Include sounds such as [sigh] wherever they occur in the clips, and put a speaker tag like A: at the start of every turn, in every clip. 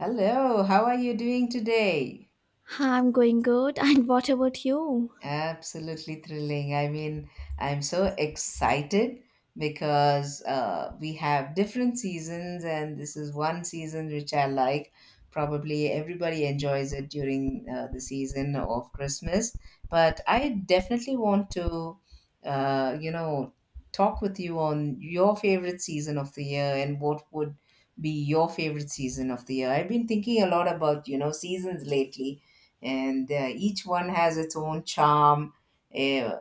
A: Hello, how are you doing today?
B: I'm going good. [laughs] And what about you?
A: Absolutely thrilling. I'm so excited because we have different seasons, and this is one season which I like. Probably everybody enjoys it during the season of Christmas, but I definitely want to, uh, you know, talk with you on your favorite season of the year and what would be your favorite season of the year. I've been thinking a lot about, you know, seasons lately and each one has its own charm. Uh,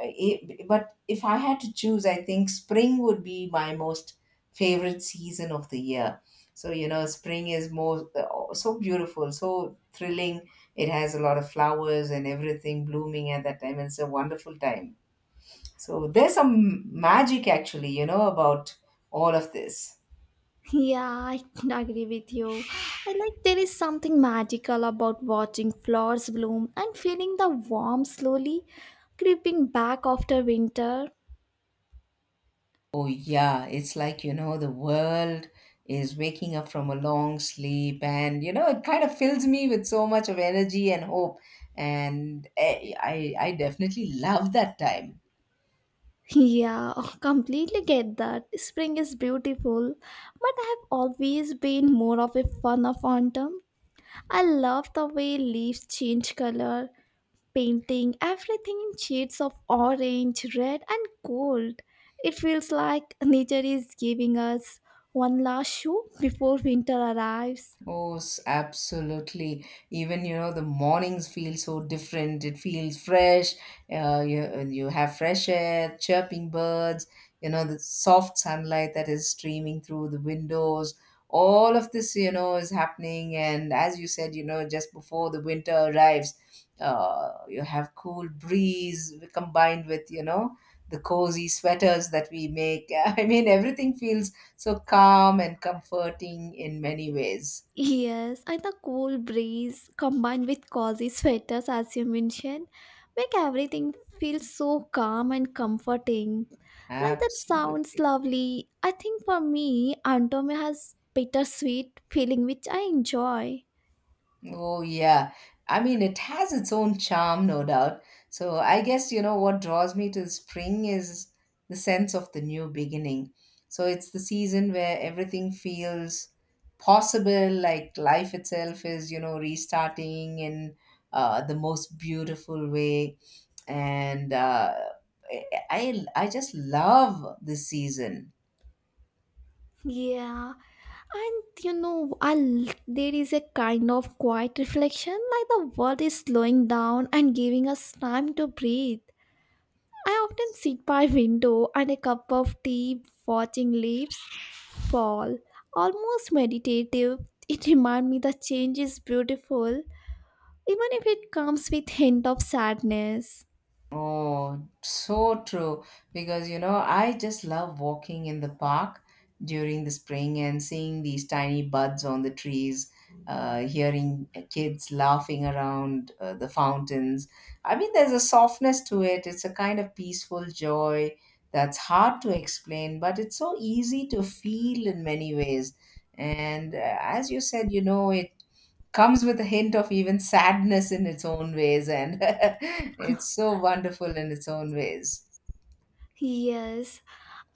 A: but if I had to choose, I think spring would be my most favorite season of the year. So, you know, spring is more so beautiful, so thrilling. It has a lot of flowers and everything blooming at that time. It's a wonderful time. So, there's
B: That's
A: some magic actually, you know, about all of this.
B: yeah, I [laughs] agree with you. I like there is something magical about watching flowers bloom and feeling the warmth slowly creeping back after winter.
A: Oh, yeah. It's like, you know, the world is waking up from a long sleep. And, you know, it kind of fills me with so much of energy and hope. And I definitely love that time.
B: Yeah, [laughs] completely get that. Spring is beautiful, but I have always been more of a fan of autumn. I love the way leaves change color, painting everything in shades of orange, red, and gold. It feels like nature is giving us one last show before winter arrives.
A: Oh, absolutely. Even, you know, the mornings feel so different. It feels fresh. You have fresh air, chirping birds, you know, the soft sunlight that is streaming through the windows. All of this, you know, is happening. And as you said, you know, just before the winter arrives, you have cool breeze combined with, you know, the cozy sweaters that we make. [laughs] I mean, everything feels so calm and comforting in many ways.
B: Yes, and the cool breeze combined with cozy sweaters, as you mentioned, make everything feel so calm and comforting. Like that sounds
A: Absolutely.
B: lovely. I think for me, Antome has bittersweet feeling which I enjoy.
A: Oh, yeah. I mean, it has its own charm, no doubt. So I guess, you know, what draws me to spring is the sense of the new beginning. So it's the season where everything feels possible, like life itself is, you know, restarting in the most beautiful way. And I just love this season.
B: Yeah. And you know, there is a kind of quiet reflection, like the world is slowing down and giving us time to breathe. I often sit by window and a cup of tea, watching leaves fall, almost meditative. It reminds me that change is beautiful, even if it comes with hint of sadness.
A: Oh, so true. Because, you know, I just love walking in the park during the spring and seeing these tiny buds on the trees, hearing kids laughing around the fountains. I mean, there's a softness to it. It's a kind of peaceful joy that's hard to explain, but it's so easy to feel in many ways. And as you said, you know, it comes with a hint of even sadness in its own ways, and [laughs] it's so wonderful in its own ways.
B: Yes,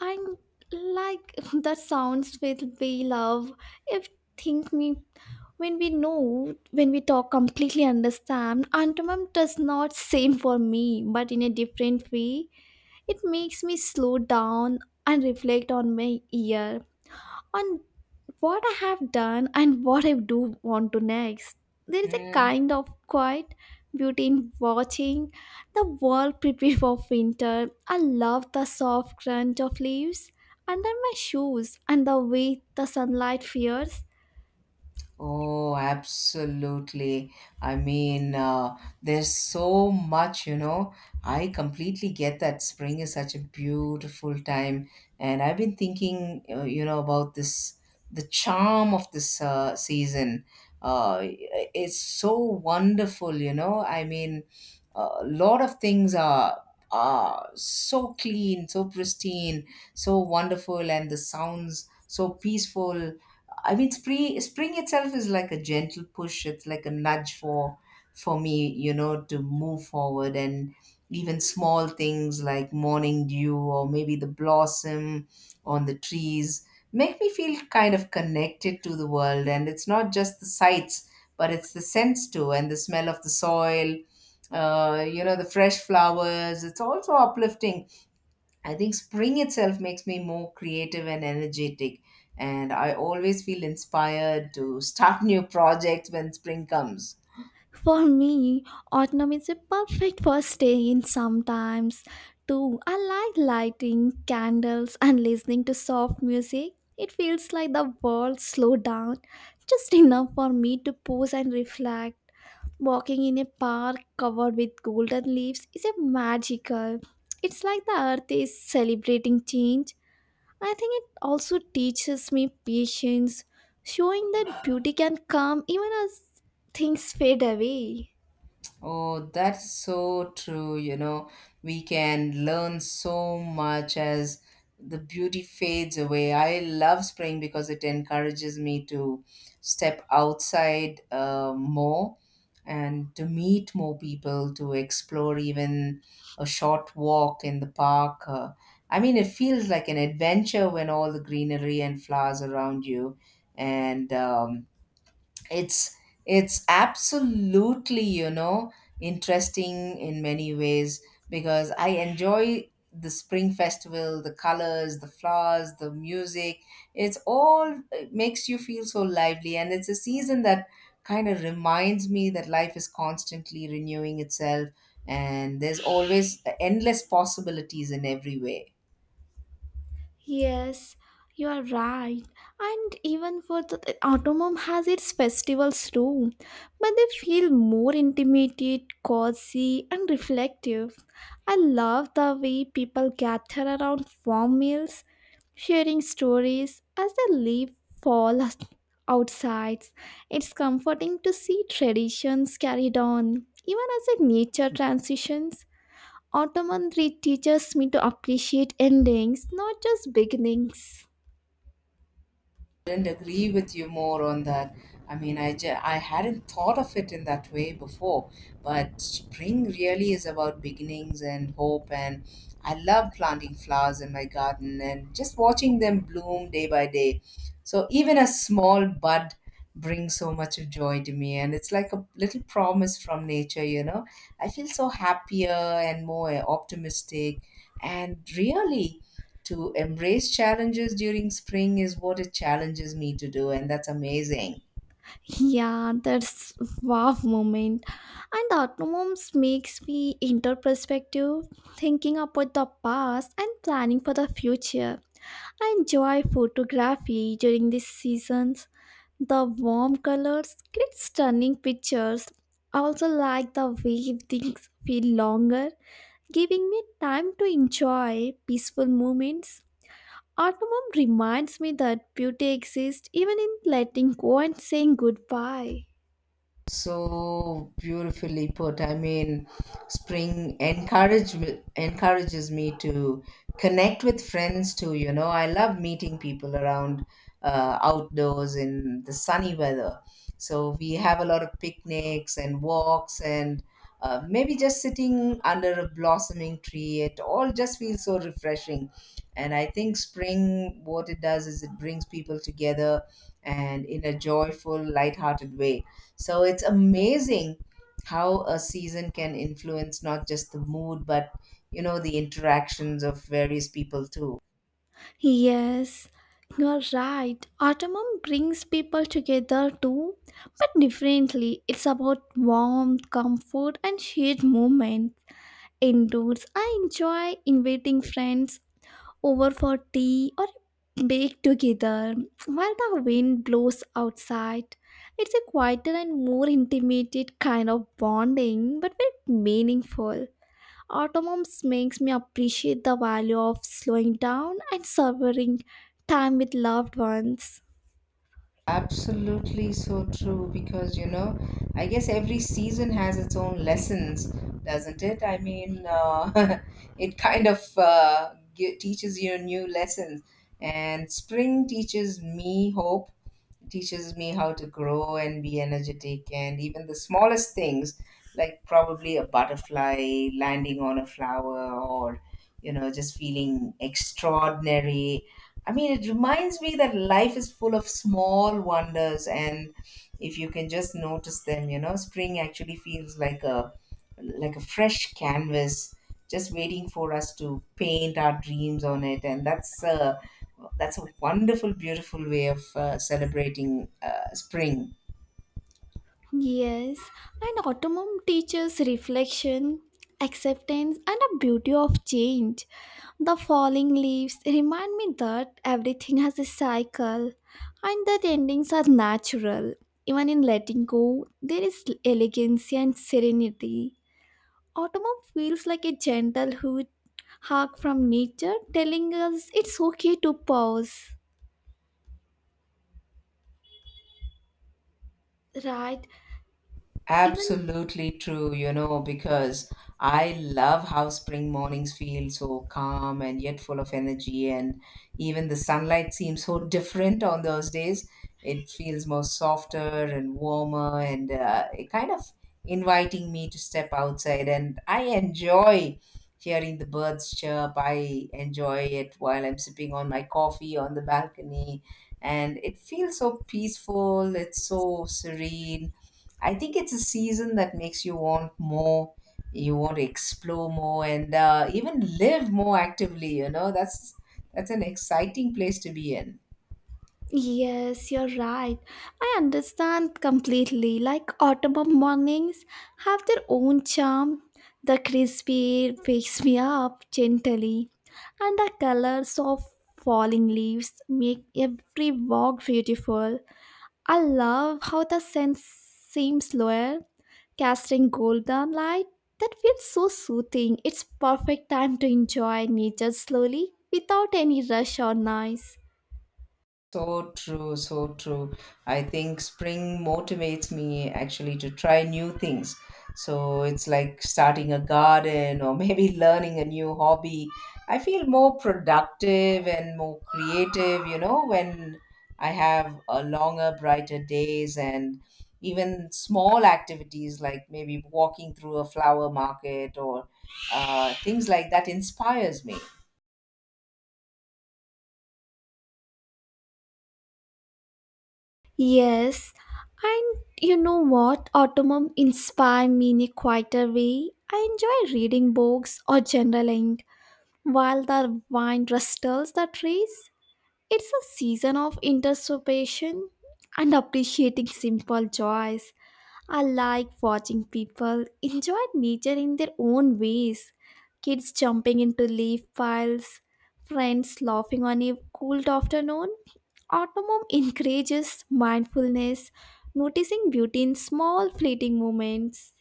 B: and like [laughs] that sounds with we love if think me when we know when we talk completely understand antomum does not same for me but in a different way, it makes me slow down and reflect on my year, on what I have done and what I do want to next. There is a
A: Mm.
B: kind of quiet beauty in watching the world [laughs] prepare for winter. I love the soft crunch of leaves under my shoes and the way the sunlight fears.
A: Oh, absolutely. I mean, uh, there's so much, you know. I completely get that spring is such a beautiful time, and I've been thinking, about this the charm of this season. Uh, it's so wonderful, you know. I mean, a lot of things are so clean, so pristine, so wonderful, and the sounds so peaceful. I mean, spring itself is like a gentle push. It's like a nudge for me, you know, to move forward and even small things like morning dew or maybe the blossom on the trees make me feel kind of connected to the world, and it's not just the sights but it's the sense too, and the smell of the soil, you know, the fresh flowers, it's also uplifting. I think spring itself makes me more creative and energetic, and I always feel inspired to start [laughs] new projects when spring comes.
B: For me, autumn is a perfect first day in sometimes too. I like lighting candles and listening to soft music. It feels like the world slowed down just enough for me to pause and reflect. Walking in a park covered with golden leaves is a magical. It's like the earth is celebrating change. I think it also teaches me patience, showing that beauty can come even as things fade away.
A: Oh, that's so true. You know, we can learn so much as the beauty fades away. I love spring because it encourages me to step outside more and to meet more people, to explore even a short walk in the park. I mean, it feels like an adventure when all the greenery and flowers around you. And it's absolutely, you know, interesting in many ways because I enjoy the spring festival, the colors, the flowers, the music, it's all, it makes you feel so lively, and it's a season that kind of reminds me that life is constantly renewing itself and there's always endless possibilities in every way.
B: Yes, you are right. And even for the Automom has its festivals too, but they feel more intimated, cozy, and reflective. I love the way people gather around warm meals, sharing stories as they leave fall as- outside. It's comforting to see traditions carried on, even as the nature transitions. Ottoman Read teaches me to appreciate endings, not just beginnings.
A: Did not agree with you more on that. I hadn't thought of it in that way before, but spring really is about beginnings and hope. And I love planting flowers in my garden and just watching them bloom day by day. So even a small bud brings so much of joy to me, and it's like a little promise from nature, you know. I feel so happier and more optimistic, and really to embrace challenges during spring is what it challenges me to do, and that's amazing.
B: Yeah, that's wow moment. And Automoms makes me enter perspective, thinking about the past and planning for the future. I enjoy photography during these seasons. The warm colors create stunning pictures. I also like the way things feel longer, giving me time to enjoy peaceful moments. Autumn reminds me that beauty exists even in letting go and saying goodbye.
A: So beautifully put. I mean, spring encourages me to connect with friends too. You know, I love meeting people around outdoors in the sunny weather. So we have a lot of picnics and walks and maybe just sitting under a blossoming tree. It all just feels so refreshing. And I think spring, what it does is it brings people together and in a joyful, lighthearted way, so it's amazing how a season can influence not just the mood, but you know, the interactions of various people too.
B: Yes, you're right. Autumn brings people together too, but differently. It's about warmth, comfort, and shared moments. Indoors, I enjoy inviting friends over for tea or bake together while the wind blows outside. It's a quieter and more intimate kind of bonding, but very meaningful. Automoms makes me appreciate the value of slowing down and savoring time with loved ones.
A: Absolutely so true, because you know, I guess every season has its own lessons, doesn't it? [laughs] It kind of teaches you new lessons. And spring teaches me hope teaches me how to grow and be energetic, and even the smallest things like probably a butterfly landing on a flower or you know just feeling extraordinary. I mean, it reminds me that life is full of small wonders, and if you can just notice them, you know, spring actually feels like a fresh canvas just waiting for us to paint our dreams on it, and that's a wonderful, beautiful way of celebrating spring.
B: Yes, and autumn teaches reflection, acceptance, and a beauty of change. The falling leaves remind me that everything has a cycle and that endings are natural. Even in letting go, there is elegance and serenity. Autumn feels like a gentle hoot hark from nature telling us it's okay to pause. Right? Even
A: Absolutely true, you know, because I love how spring mornings feel so calm and yet full of energy, and even the sunlight seems so [laughs] different on those days. It feels more softer and warmer, and it kind of inviting me to step outside. And I enjoy hearing the birds chirp. I enjoy it while I'm sipping on my coffee on the balcony, and it feels so peaceful. It's so serene. I think it's a season that makes you want more, you want to explore more, and even live more actively. You know, that's an exciting place to be in.
B: yes, you're right. I understand completely. Like autumn mornings have their own charm. The crispy wakes me up gently, and the colors of falling leaves make every walk beautiful. I love how the sun seems lower, casting golden light that feels so soothing. It's perfect time to enjoy nature slowly without any rush or noise.
A: So true, so true. I think spring motivates me actually to try new things. So it's like starting a garden or maybe [laughs] learning a new hobby. I feel more productive and more creative, you know, when I have a longer, brighter days, and even small activities like maybe walking through a flower market or things like that inspires me.
B: Yes, and you know what? Autumn inspire me in a quieter way. I enjoy reading books or journaling while the wind rustles the trees. It's a season of introspection and appreciating simple joys. I like watching people enjoy nature in their own ways. Kids jumping into leaf piles, friends laughing on a cold afternoon. Autumn encourages mindfulness, noticing beauty in small fleeting moments.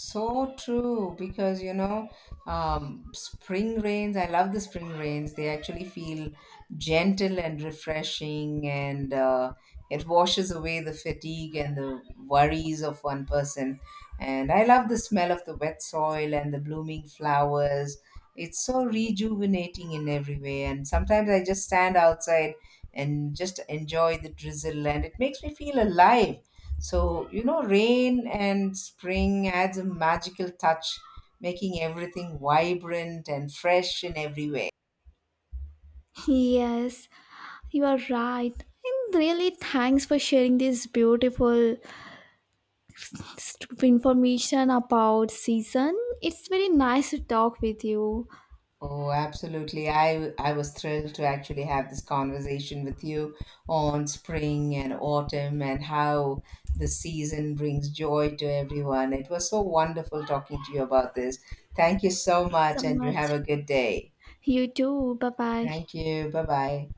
A: So true, because you know, spring rains, I love the spring rains. They actually feel gentle and refreshing, and it washes away the fatigue and the worries of one person. And I love the smell of the wet soil and the blooming flowers. It's so rejuvenating in every way. And sometimes I just stand outside and just enjoy the drizzle, and it makes me feel alive. So, you know, rain and spring adds a magical touch, making everything vibrant and fresh in every way.
B: Yes, you are right. And really, thanks for sharing this beautiful information about season. It's very nice to talk with you
A: Oh, absolutely. I was thrilled to actually have this conversation with you on spring and autumn and how the season brings joy to everyone. It was so wonderful talking to you about this. Thank you so much,
B: so
A: and you have a
B: much.
A: good day.
B: You too. Bye bye.
A: Thank you. Bye bye.